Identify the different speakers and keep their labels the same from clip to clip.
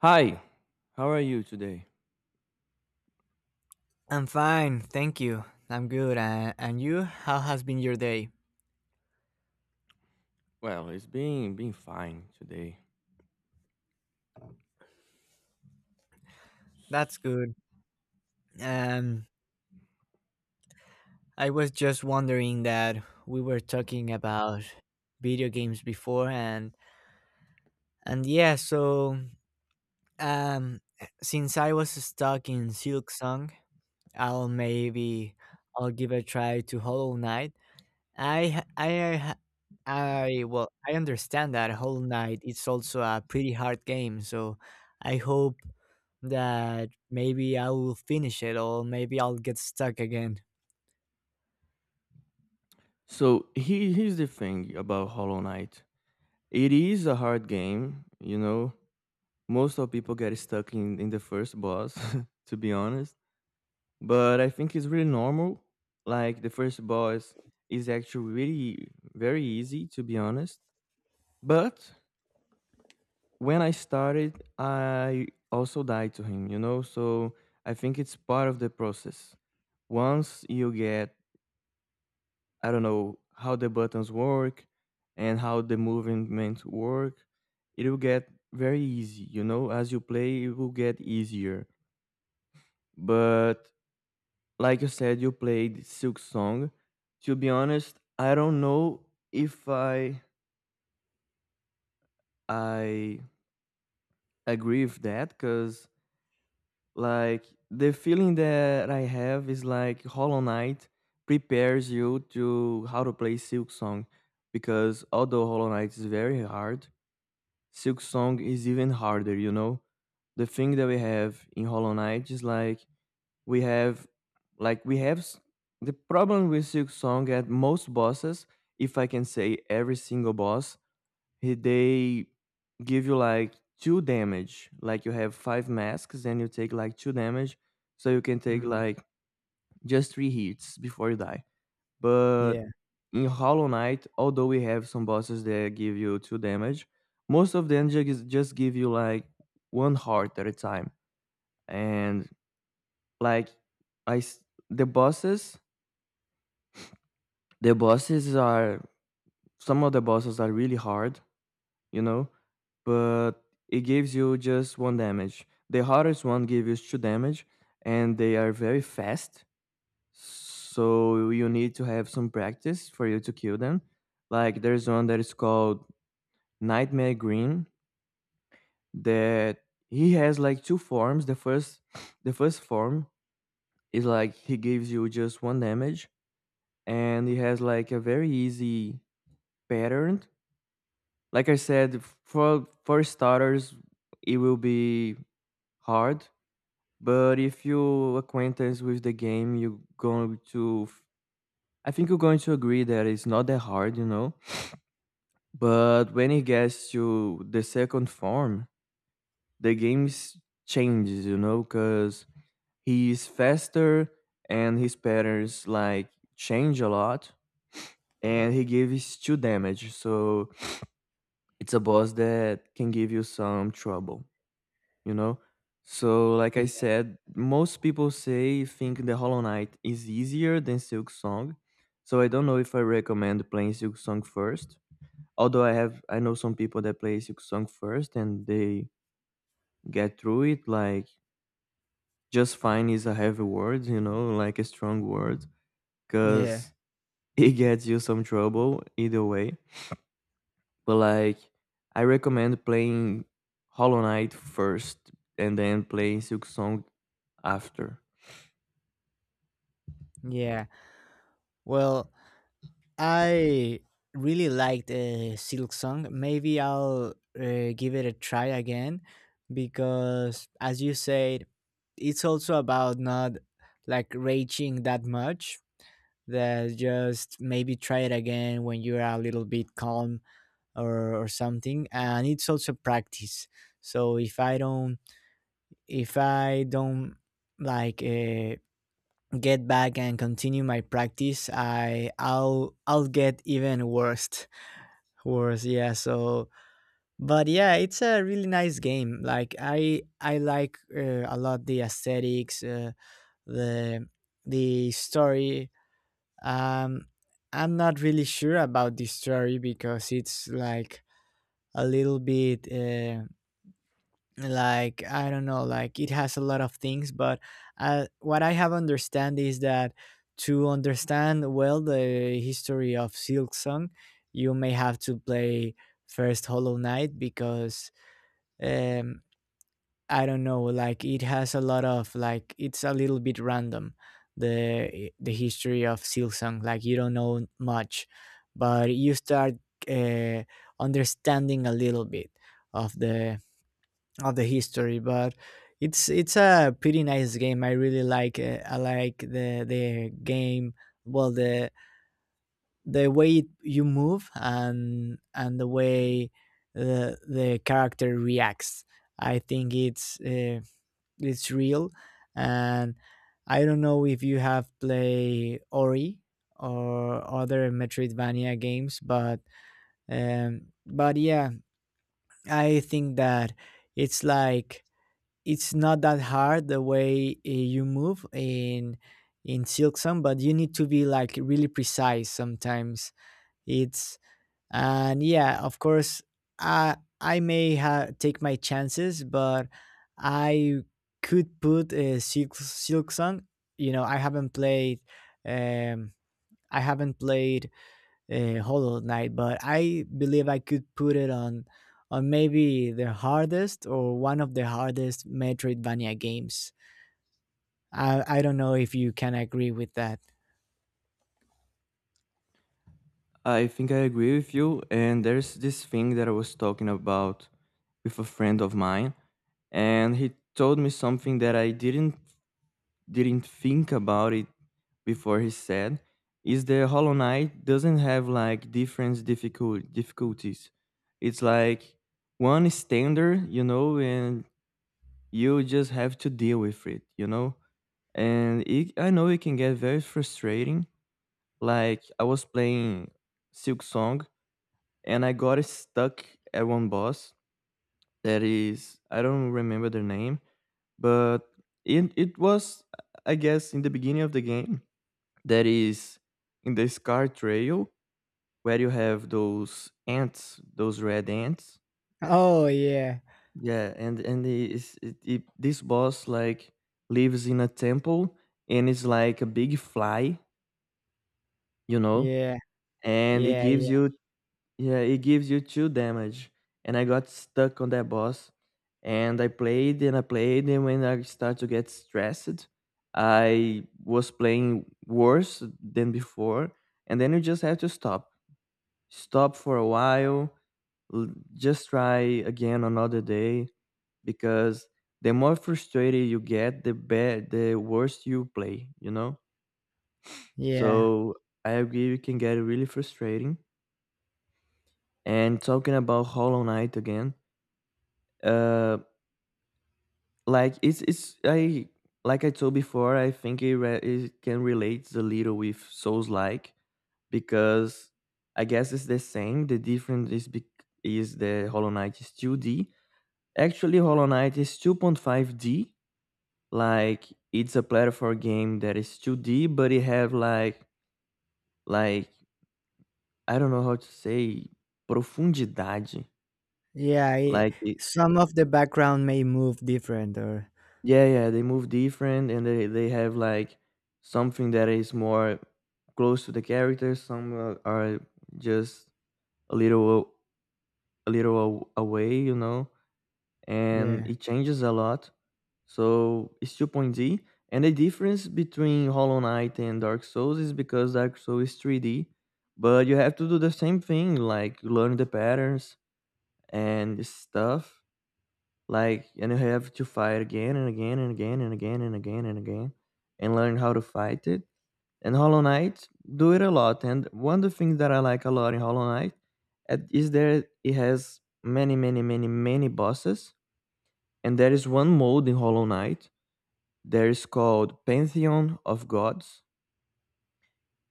Speaker 1: Hi, how are you today?
Speaker 2: I'm fine, thank you. I'm good. And you? How has been your day?
Speaker 1: Well, it's been fine today.
Speaker 2: That's good. Um, I was just wondering that we were talking about video games before, and yeah, so um, since I was stuck in Silk Song, I'll maybe I'll give a try to Hollow Knight. I well, I understand that whole night. It's also a pretty hard game, so I hope that maybe I will finish it, or maybe I'll get stuck again.
Speaker 1: So here's the thing about Hollow Knight. It is a hard game, you know. Most of people get stuck in the first boss, to be honest. But I think it's really normal. Like the first boss is actually really very easy, to be honest. But when I started, I also died to him, you know. So I think it's part of the process once you get I don't know how the buttons work and how the movements work, it will get very easy. You know, as you play, it will get easier. But like you said, you played Silk Song. To be honest, I don't know if I agree with that because like the feeling that I have is like Hollow Knight prepares you to how to play Silk Song because although Hollow Knight is very hard, Silk Song is even harder, you know? The thing that we have in Hollow Knight is like we have like we have s- the problem with Silk Song at most bosses, if I can say every single boss, they give you like two damage. Like you have five masks and you take like two damage, so you can take
Speaker 2: Mm,
Speaker 1: like just three hits before you die. But
Speaker 2: yeah,
Speaker 1: in Hollow Knight, although we have some bosses that give you two damage, most of them just give you like one heart at a time. And like I s- the bosses, the bosses are some of the bosses are really hard, you know, but it gives you just one damage. The hardest one gives you two damage, and they are very fast. So you need to have some practice for you to kill them. Like there's one that is called Nightmare Green that he has like two forms. The first the first form is like he gives you just one damage and he has like a very easy pattern. Like I said, for starters it will be hard, but if you acquaintance with the game you're going to I think you're going to agree that it's not that hard, you know. But when it gets to the second form, the games changes, you know, because he is faster and his patterns like change a lot and he gives two damage. So it's a boss that can give you some trouble, you know? So like I
Speaker 2: yeah,
Speaker 1: said, most people say think the Hollow Knight is easier than Silk Song. So I don't know if I recommend playing Silk Song first. Although I know some people that play Silk Song first and they get through it like just fine is a heavy word, you know, like a strong word
Speaker 2: yeah,
Speaker 1: because it gets you some trouble either way. But like, I recommend playing Hollow Knight first and then playing Silk Song after.
Speaker 2: yeah. Well, I really liked Silk Song. Maybe I'll give it a try again because, as you said, it's also about not like raging that much, that just maybe try it again when you're a little bit calm or something, and it's also practice. So if I don't like get back and continue my practice, I'll get even worse. Yeah. So but yeah, it's a really nice game. Like I like a lot the aesthetics, the story. Um, I'm not really sure about this story because it's like a little bit, like I don't know, like it has a lot of things. But what I have understand is that to understand well the history of Silk Song, you may have to play first Hollow Knight because um, I don't know, like it has a lot of, like, it's a little bit random, the history of Silsong. Like you don't know much, but you start uh, understanding a little bit of the of the history. But it's a pretty nice game. I really like, I like the game. Well, the way you move, and the way the character reacts. I think it's real. And I don't know if you have played Ori or other Metroidvania games, but yeah, I think that it's like it's not that hard the way you move in Silksong, but you need to be like really precise sometimes. It's. And yeah, of course, i I may take my chances. But I could put a Silk Song you know i haven't played um I haven't played Hollow Knight, but I believe I could put it on maybe the hardest or one of the hardest Metroidvania games. I don't know if you can agree with that.
Speaker 1: I think I agree with you. And there's this thing that I was talking about with a friend of mine, and he told me something that I didn't think about it before he said is the Hollow Knight doesn't have like different difficulties. It's like one standard, you know, and you just have to deal with it, you know. And it, I know it can get very frustrating. Like I was playing Silk Song and I got stuck at one boss that is I don't remember the name, but it was I guess in the beginning of the game that is in the Scar Trail where you have those ants, those red ants.
Speaker 2: Oh yeah,
Speaker 1: Yeah, and this boss like lives in a temple and it's like a big fly, you know,
Speaker 2: yeah,
Speaker 1: and it
Speaker 2: yeah,
Speaker 1: gives
Speaker 2: yeah,
Speaker 1: you yeah, it gives you two damage. And I got stuck on that boss, and I played and I played, and when I start to get stressed, I was playing worse than before, and then you just have to stop for a while, l- just try again another day because the more frustrated you get, the worse you play, you know?
Speaker 2: yeah.
Speaker 1: So I agree it can get really frustrating. And talking about Hollow Knight again, uh, like it's I like I told before, I think it can relate a little with Souls like because I guess it's the same. The difference is bec- is the Hollow Knight is 2D. Actually, Hollow Knight is 2.5D. Like it's a platform game that is 2D, but it have like like I don't know how to say profundidade.
Speaker 2: Yeah, I
Speaker 1: Like it,
Speaker 2: some of the background may move different. Or
Speaker 1: yeah, yeah, they move different and they have like something that is more close to the character. Some are just a little away, you know, and
Speaker 2: yeah.
Speaker 1: it changes a lot. So it's 2.D. And the difference between Hollow Knight and Dark Souls is because Dark Souls is 3D, but you have to do the same thing, like learn the patterns and stuff. Like, and you have to fight again and again and again and again and again and again and learn how to fight it. And Hollow Knight do it a lot. And one of the things that I like a lot in Hollow Knight is that it has many, many, many, many bosses. And there is one mode in Hollow Knight there is called Pantheon of Gods.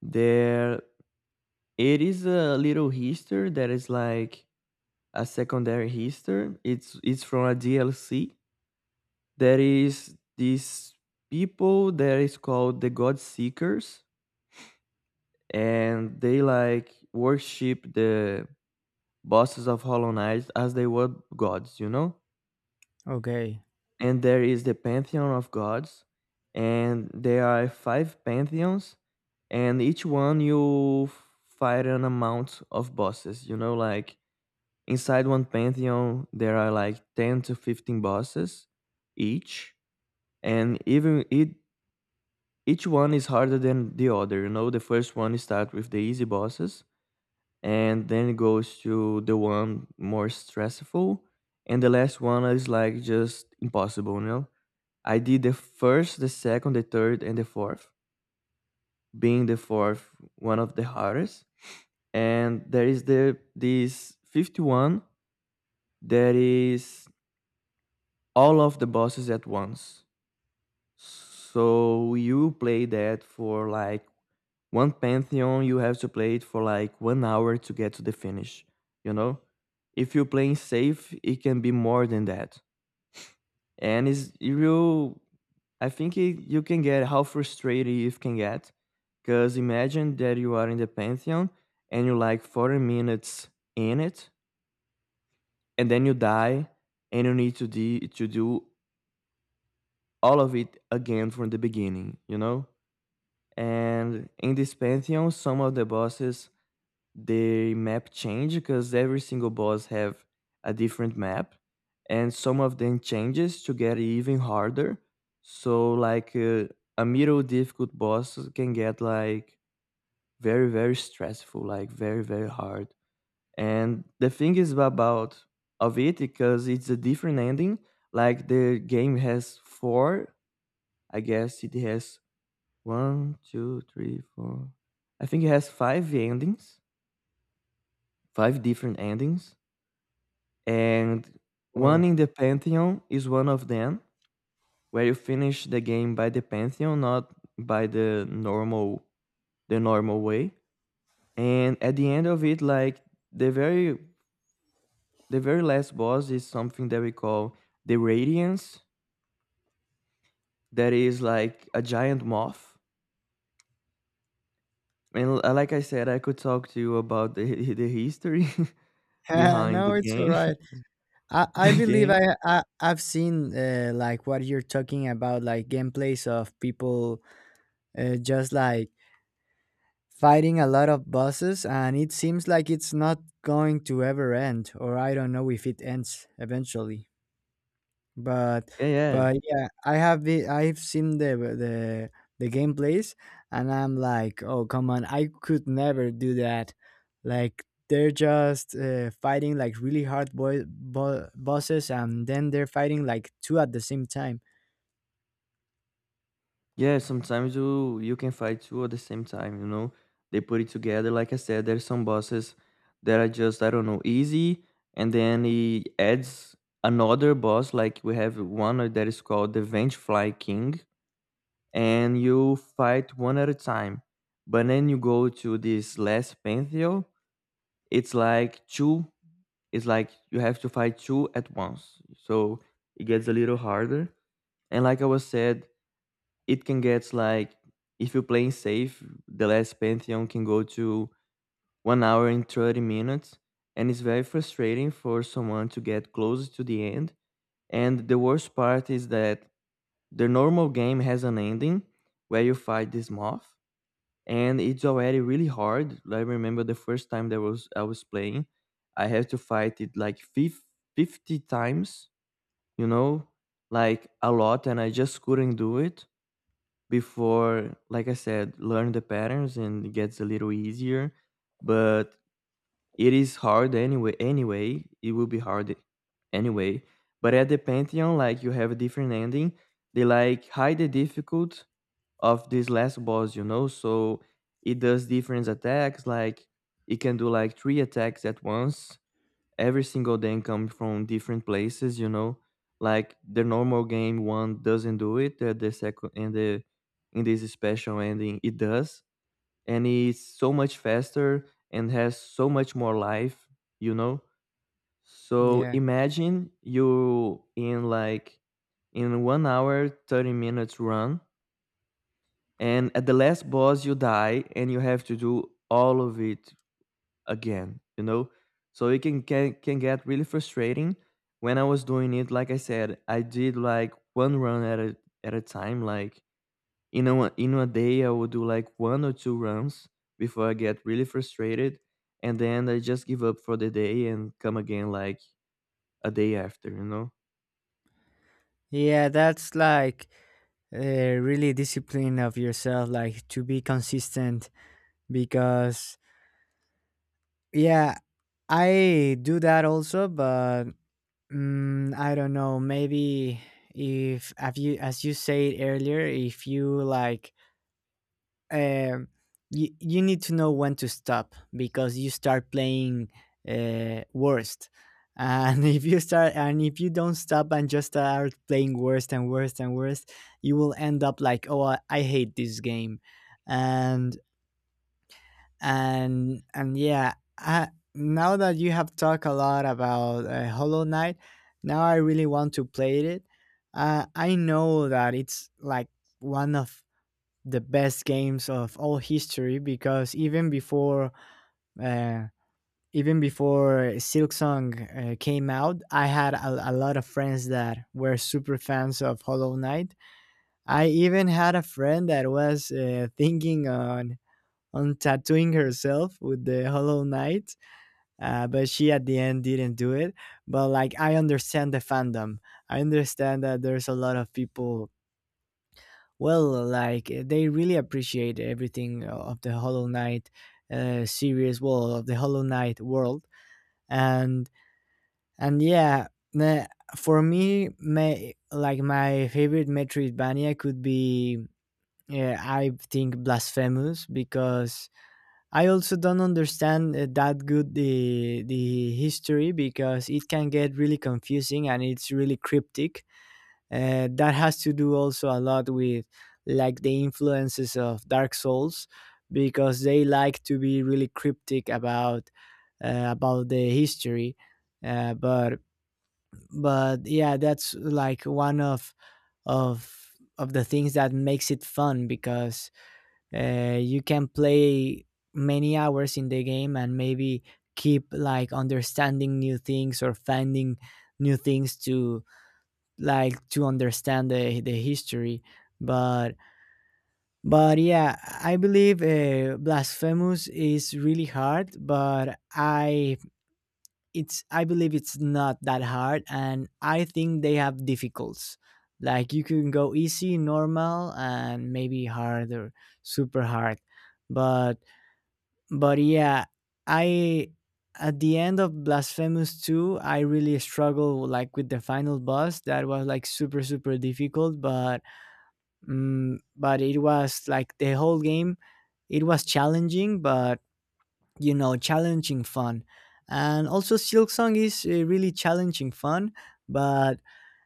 Speaker 1: There it is a little history that is like a secondary history. It's from a DLC. There is this people that is called the God Seekers, and they like worship the bosses of Hollow Knight as they were gods, you know?
Speaker 2: Okay.
Speaker 1: And there is the pantheon of gods, and there are five pantheons, and each one you fight an amount of bosses, you know, like inside one pantheon there are like 10 to 15 bosses each. And even it each one is harder than the other, you know, the first one you start with the easy bosses and then it goes to the one more stressful and the last one is like just impossible, you know. I did the first, the second, the third, and the fourth, being the fourth one of the hardest. And there is the this 51 that is all of the bosses at once. So you play that for like one pantheon, you have to play it for like 1 hour to get to the finish. You know, if you're playing safe, it can be more than that. And it's it real I think you can get how frustrated you can get because imagine that you are in the pantheon and you're like 40 minutes in it and then you die and you need to, to do all of it again from the beginning, you know. And in this pantheon some of the bosses the map change because every single boss have a different map and some of them changes to get even harder. So like a middle difficult boss can get like very stressful, like very hard. And the thing is about of it because it's a different ending, like the game has four, I guess it has 1, 2, 3, 4, I think it has five endings, five different endings. And one
Speaker 2: Well,
Speaker 1: in the Pantheon is one of them, where you finish the game by the Pantheon, not by the normal way. And at the end of it, like the very the very last boss is something that we call the Radiance, that is like a giant moth. And like I said, I could talk to you about the the history behind the
Speaker 2: no, it's all
Speaker 1: game.
Speaker 2: right. I, I
Speaker 1: the
Speaker 2: believe
Speaker 1: game.
Speaker 2: I've seen, like what you're talking about, like gameplays of people, just like fighting a lot of bosses, and it seems like it's not going to ever end, or I don't know if it ends eventually. but
Speaker 1: Yeah, yeah.
Speaker 2: but yeah, I've seen the gameplays, and I'm like, oh, come on, I could never do that. Like they're just, fighting like really hard bosses, and then they're fighting like two at the same time.
Speaker 1: Yeah, sometimes you can fight two at the same time, you know. They put it together. Like I said, there's some bosses that are just, I don't know, easy, and then he adds another boss, like we have one that is called the Vengefly King, and you fight one at a time. But then you go to this last Pantheon, it's like two, it's like you have to fight two at once. So it gets a little harder. And like I was said, it can get like if you're playing safe, the last Pantheon can go to 1 hour and 30 minutes, and it's very frustrating for someone to get close to the end. And the worst part is that the normal game has an ending where you fight this moth, and it's already really hard. Like, I remember the first time that was I was playing, I had to fight it like 50 times, you know, like a lot, and I just couldn't do it before, like I said, learn the patterns and it gets a little easier. But it is hard anyway. Anyway, it will be hard anyway. But at the Pantheon, like you have a different ending. They like hide the difficult of this last boss. So it does different attacks. Like it can do like three attacks at once, every single day come from different places. Like the normal game one doesn't do it, the second and the in this special ending it does, and it's so much faster and has so much more life you know so
Speaker 2: Yeah,
Speaker 1: imagine you in like in 1 hour 30 minutes run, and at the last boss you die and you have to do all of it again. So it can get really frustrating. When I was doing it, like I said, I did like one run at a time. Like in a day I would do like one or two runs before I get really frustrated, and then I just give up for the day and come again like a day after.
Speaker 2: yeah, that's like, really discipline of yourself, like to be consistent, because yeah, I do that also. But I don't know. Maybe if have you, as you said earlier, if you like, um, you need to know when to stop, because you start playing, worst, and if you start, and if you don't stop and just start playing worst and worst and worst, you will end up like, oh, I hate this game. And and and yeah, now that you have talked a lot about, Hollow Knight, now I really want to play it. I know that it's like one of the best games of all history, because uh, even before Silk Song came out, I had a lot of friends that were super fans of Hollow Knight. I even had a friend that was, thinking on tattooing herself with the Hollow Knight, but she at the end didn't do it. But like, I understand the fandom. I understand that there's a lot of people. Well, like, they really appreciate everything of the Hollow Knight, series, well, of the Hollow Knight world. And and yeah, the- for me, like my favorite Metroidvania could be, yeah, I think Blasphemous, because I also don't understand, that good, the history, because it can get really confusing, and it's really cryptic. That has to do also a lot with, like, the influences of Dark Souls, because they like to be really cryptic about the history. Uh, but but yeah, that's like one of of the things that makes it fun, because, you can play many hours in the game and maybe keep like understanding new things, or finding new things to, like, to understand the history. But but yeah, I believe, Blasphemous is really hard, but I believe it's not that hard, and I think they have difficulties, like you can go easy, normal, and maybe hard, or super hard. But but yeah, I, at the end of Blasphemous 2, I really struggled like with the final boss. That was like super super difficult, but, but it was like the whole game, it was challenging, but, challenging fun. And also Silksong is, really challenging fun, but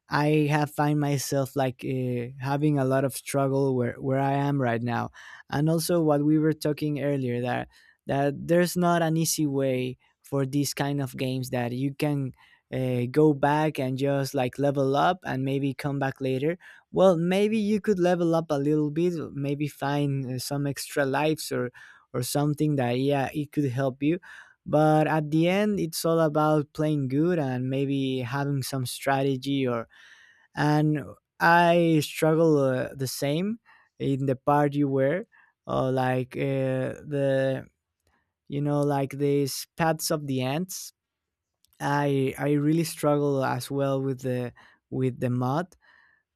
Speaker 2: I have find myself like, having a lot of struggle where I am right now. And also, what we were talking earlier, that there's not an easy way for these kind of games, that you can, go back and just like level up and maybe come back later. Well, maybe you could level up a little bit, maybe find, some extra lives, or something that, yeah, it could help you. But at the end, it's all about playing good and maybe having some strategy. Or and I struggle, the same, in the part you were, or like, the, like, these paths of the ants. I really struggle as well with the mud.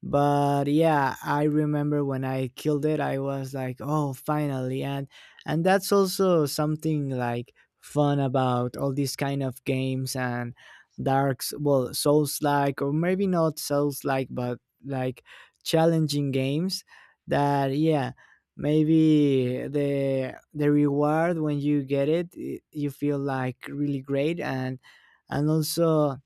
Speaker 2: But yeah, I remember when I killed it, I was like, oh, finally. And that's also something, like, fun about all these kind of games, and, darks well souls like, or maybe not souls like, but, like, challenging games. That, yeah, maybe the reward, when you get it, you feel like really great. And also,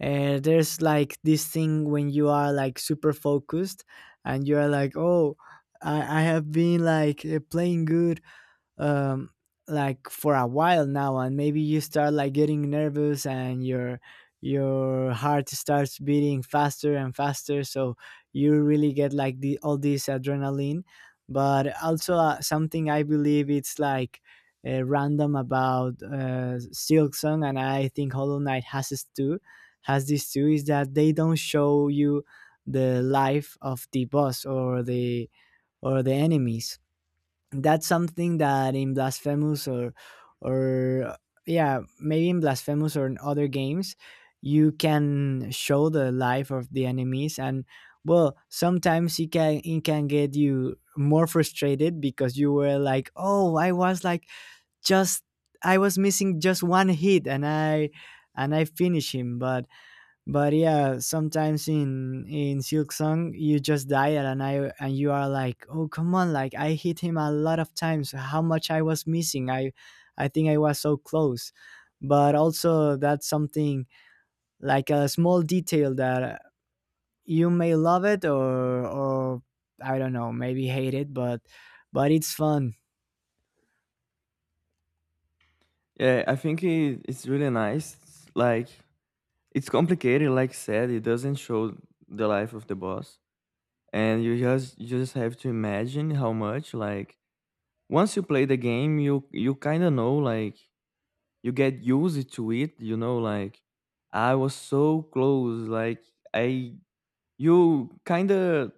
Speaker 2: there's like this thing, when you are like super focused, and you're like, oh, I have been like, playing good, um like, for a while now, and maybe you start like getting nervous, and your heart starts beating faster and faster, so you really get like the all this adrenaline. But also, something I believe it's like, random about, Silksong, and I think Hollow Knight has this too, is that they don't show you the life of the boss, or the enemies. That's something that in Blasphemous, or, yeah, maybe in Blasphemous or in other games, you can show the life of the enemies. And well, sometimes it can, it can get you more frustrated, because you were like, oh, I was like, just, I was missing just one hit, and I, and I finished him. But yeah, sometimes in Silk Song, you just die, and I and you are like, oh, come on, like, I hit him a lot of times. How much I was missing? I think I was so close. But also, that's something like a small detail that you may love it, or, I don't know, maybe hate it. But it's fun.
Speaker 1: Yeah, I think it's really nice. It's like it's complicated. Like I said, it doesn't show the life of the boss, and you just have to imagine how much. Like once you play the game, you kind of know. Like you get used to it you know like I was so close, like I you kind of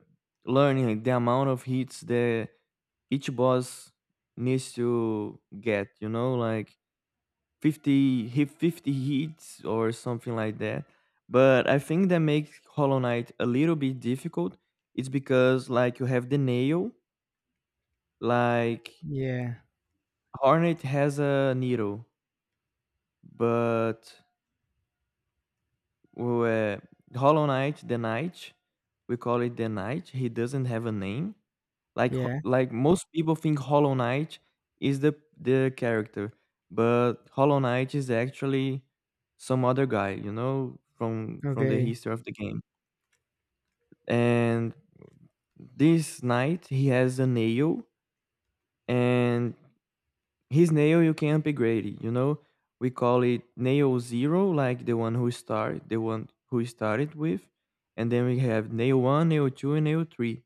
Speaker 1: learning, like, the amount of hits that each boss needs to get, you know, like 50 hit 50 hits or something like that. But I think that makes Hollow Knight a little bit difficult. It's because like you have the nail, like
Speaker 2: Yeah,
Speaker 1: Hornet has a needle. But where Hollow Knight, the Knight, we call it the Knight. He doesn't have a name. Like
Speaker 2: yeah.
Speaker 1: like most people think Hollow Knight is the character, but Hollow Knight is actually some other guy, from the
Speaker 2: Okay,
Speaker 1: history of the game. And this knight, he has a nail, and his nail you can upgrade it. We call it nail zero, like the one who started with. And then we have nail one, nail two, and nail three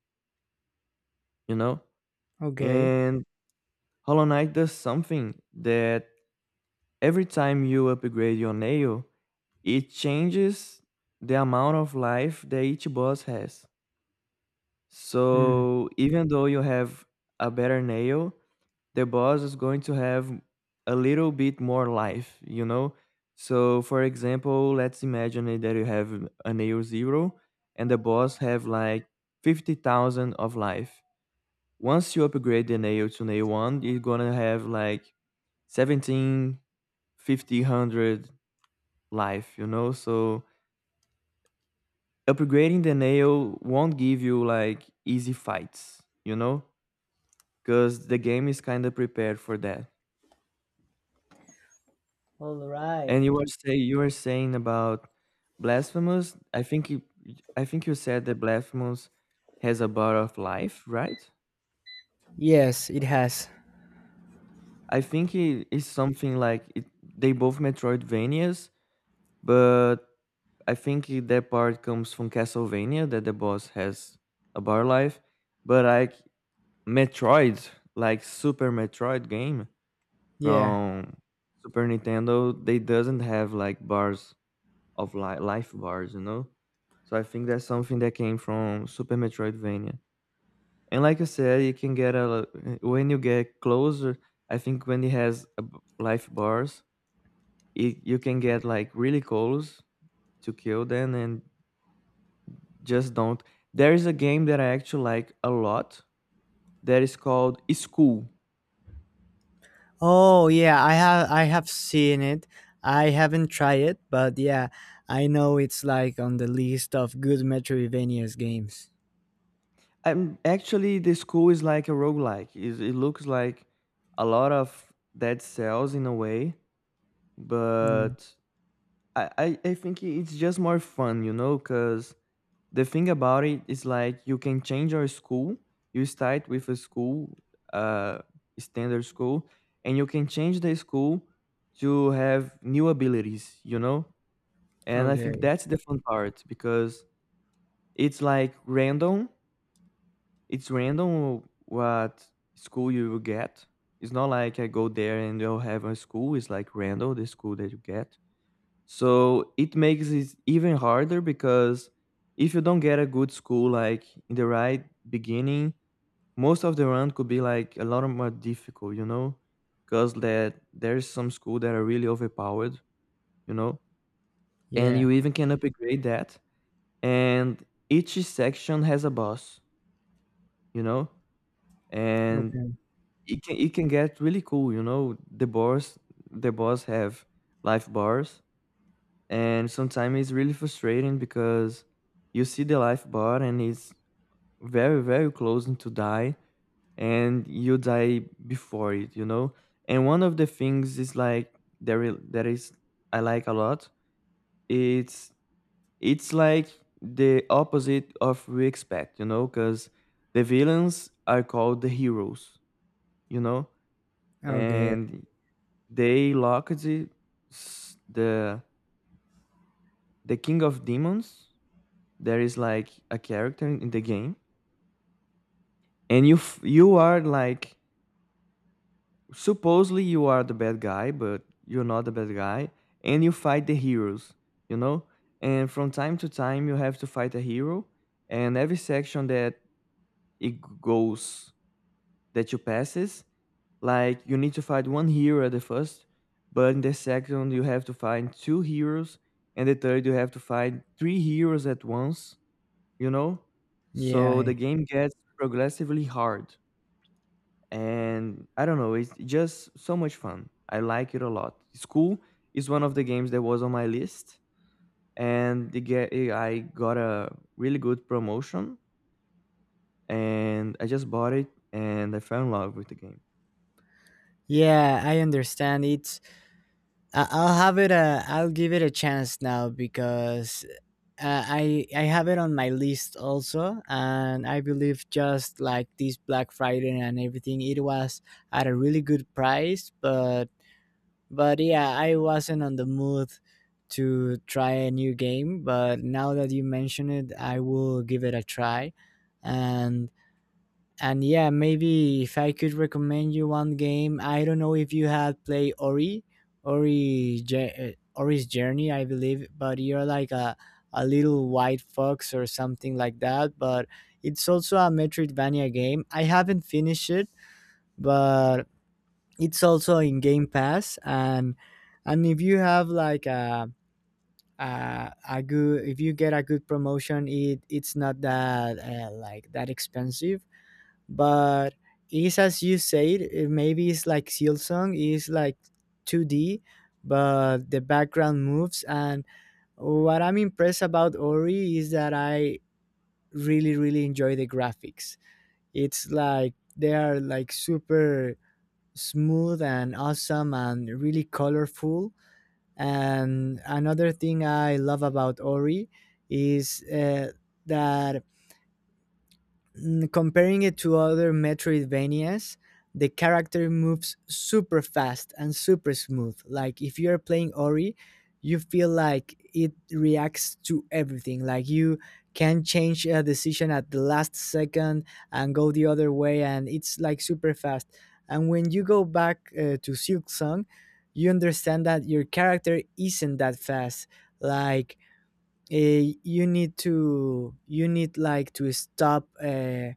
Speaker 1: you know
Speaker 2: okay.
Speaker 1: and Hollow Knight does something that every time you upgrade your nail, it changes the amount of life that each boss has.
Speaker 2: Hmm.
Speaker 1: So even though you have a better nail, the boss is going to have a little bit more life, you know? So for example, let's imagine it that you have a nail zero and the boss have like 50,000 of life. Once you upgrade the nail to nail one, you're gonna have like 17, 50, 100 life, you know? So upgrading the nail won't give you like easy fights, you know? Because the game is kind of prepared for that.
Speaker 2: All right.
Speaker 1: And you were saying about Blasphemous. I think you said that Blasphemous has a bar of life, right?
Speaker 2: Yes, it has.
Speaker 1: I think it is something like it, they both Metroidvanias, but I think that part comes from Castlevania, that the boss has a bar life. But like Metroid, like Super Metroid game
Speaker 2: Yeah.
Speaker 1: from Super Nintendo, they doesn't have like bars of life bars, you know? So I think that's something that came from Super Metroidvania. And like I said, you can get a when you get closer. I think when it has a life bars, it, you can get like really close to kill them, and just don't. There is a game that I actually like a lot that is called School.
Speaker 2: Oh yeah, I have seen it. I haven't tried it, but yeah, I know it's like on the list of good Metroidvanias games.
Speaker 1: I'm actually the school is like a roguelike. It looks like a lot of dead cells in a way, but
Speaker 2: Mm,
Speaker 1: I think it's just more fun, because the thing about it is like you can change your school. You start with a school, uh, standard school, and you can change the school to have new abilities, you know? And I think
Speaker 2: okay.
Speaker 1: that's the fun part because it's like random. It's random what school you will get. It's not like I go there and you'll have a school. It's like random, the school that you get, so it makes it even harder because if you don't get a good school like in the right beginning, most of the run could be like a lot more difficult, you know, because that there's some school that are really overpowered, you know, and
Speaker 2: Yeah.
Speaker 1: you even can upgrade that. And each section has a boss, you know, and
Speaker 2: Okay.
Speaker 1: it can get really cool. The bars the boss have life bars, and sometimes it's really frustrating because you see the life bar and it's very very close to die, and you die before it. And one of the things is like, there is, that is I like a lot, it's it's like the opposite of we expect, because the villains are called the heroes you know
Speaker 2: Okay.
Speaker 1: and they locked the s- the the king of demons. There is like a character in the game, and you are like supposedly you are the bad guy, but you're not the bad guy. And you fight the heroes you know and from time to time you have to fight a hero, and every section that it goes, that you passes, like you need to fight one hero at the first, but in the second you have to find two heroes, and the third you have to find three heroes at once, you know?
Speaker 2: Yeah.
Speaker 1: So the game gets progressively hard. And I don't know, it's just so much fun. I like it a lot. School is one of the games that was on my list. And I got a really good promotion. And I just bought it and I fell in love with the game.
Speaker 2: Yeah, I understand. It's I, I'll have it a I'll give it a chance now, because, I have it on my list also, and I believe, just like this Black Friday and everything, it was at a really good price. But yeah, I wasn't on the mood to try a new game, but now that you mention it, I will give it a try. And and yeah, maybe if I could recommend you one game, I don't know if you had played Ori's Journey, I believe, but you're like a little white fox or something like that. But it's also a Metroidvania game. I haven't finished it, but it's also in game pass. And if you have like a good if you get a good promotion, it's not that, like, that expensive. But it's, as you said, it, maybe it's like Seal Song is like 2D, but the background moves. And what I'm impressed about Ori is that I really really enjoy the graphics. It's like they are like super smooth and awesome and really colorful. And another thing I love about Ori is, that, comparing it to other Metroidvanias, the character moves super fast and super smooth. Like, if you're playing Ori, you feel like it reacts to everything. Like you can change a decision at the last second and go the other way, and it's like super fast. And when you go back, to Silk Song, you understand that your character isn't that fast. Like, you need like to stop.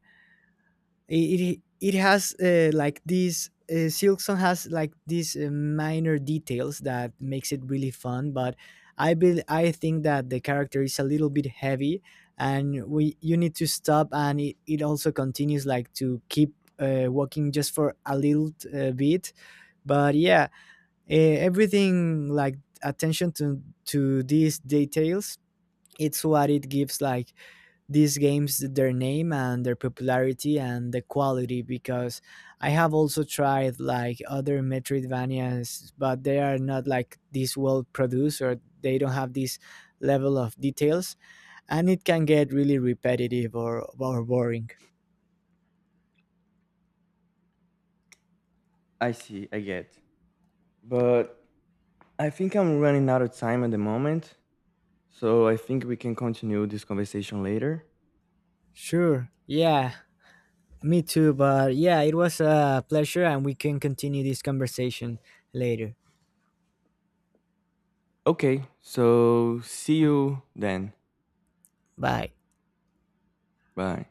Speaker 2: it has, like this, Silkson has like these, minor details that makes it really fun. But I think that the character is a little bit heavy, and we you need to stop, and it also continues like to keep, walking just for a little, bit. But yeah, everything, like, attention to these details, it's what it gives like these games their name and their popularity and the quality, because I have also tried like other Metroidvanias, but they are not like this well produced, or they don't have this level of details, and it can get really repetitive, or boring.
Speaker 1: I see, I get. But I think I'm running out of time at the moment. So I think we can continue this conversation later.
Speaker 2: Sure. Yeah, me too. But yeah, it was a pleasure, and we can continue this conversation later.
Speaker 1: Okay, so see you then.
Speaker 2: Bye.
Speaker 1: Bye.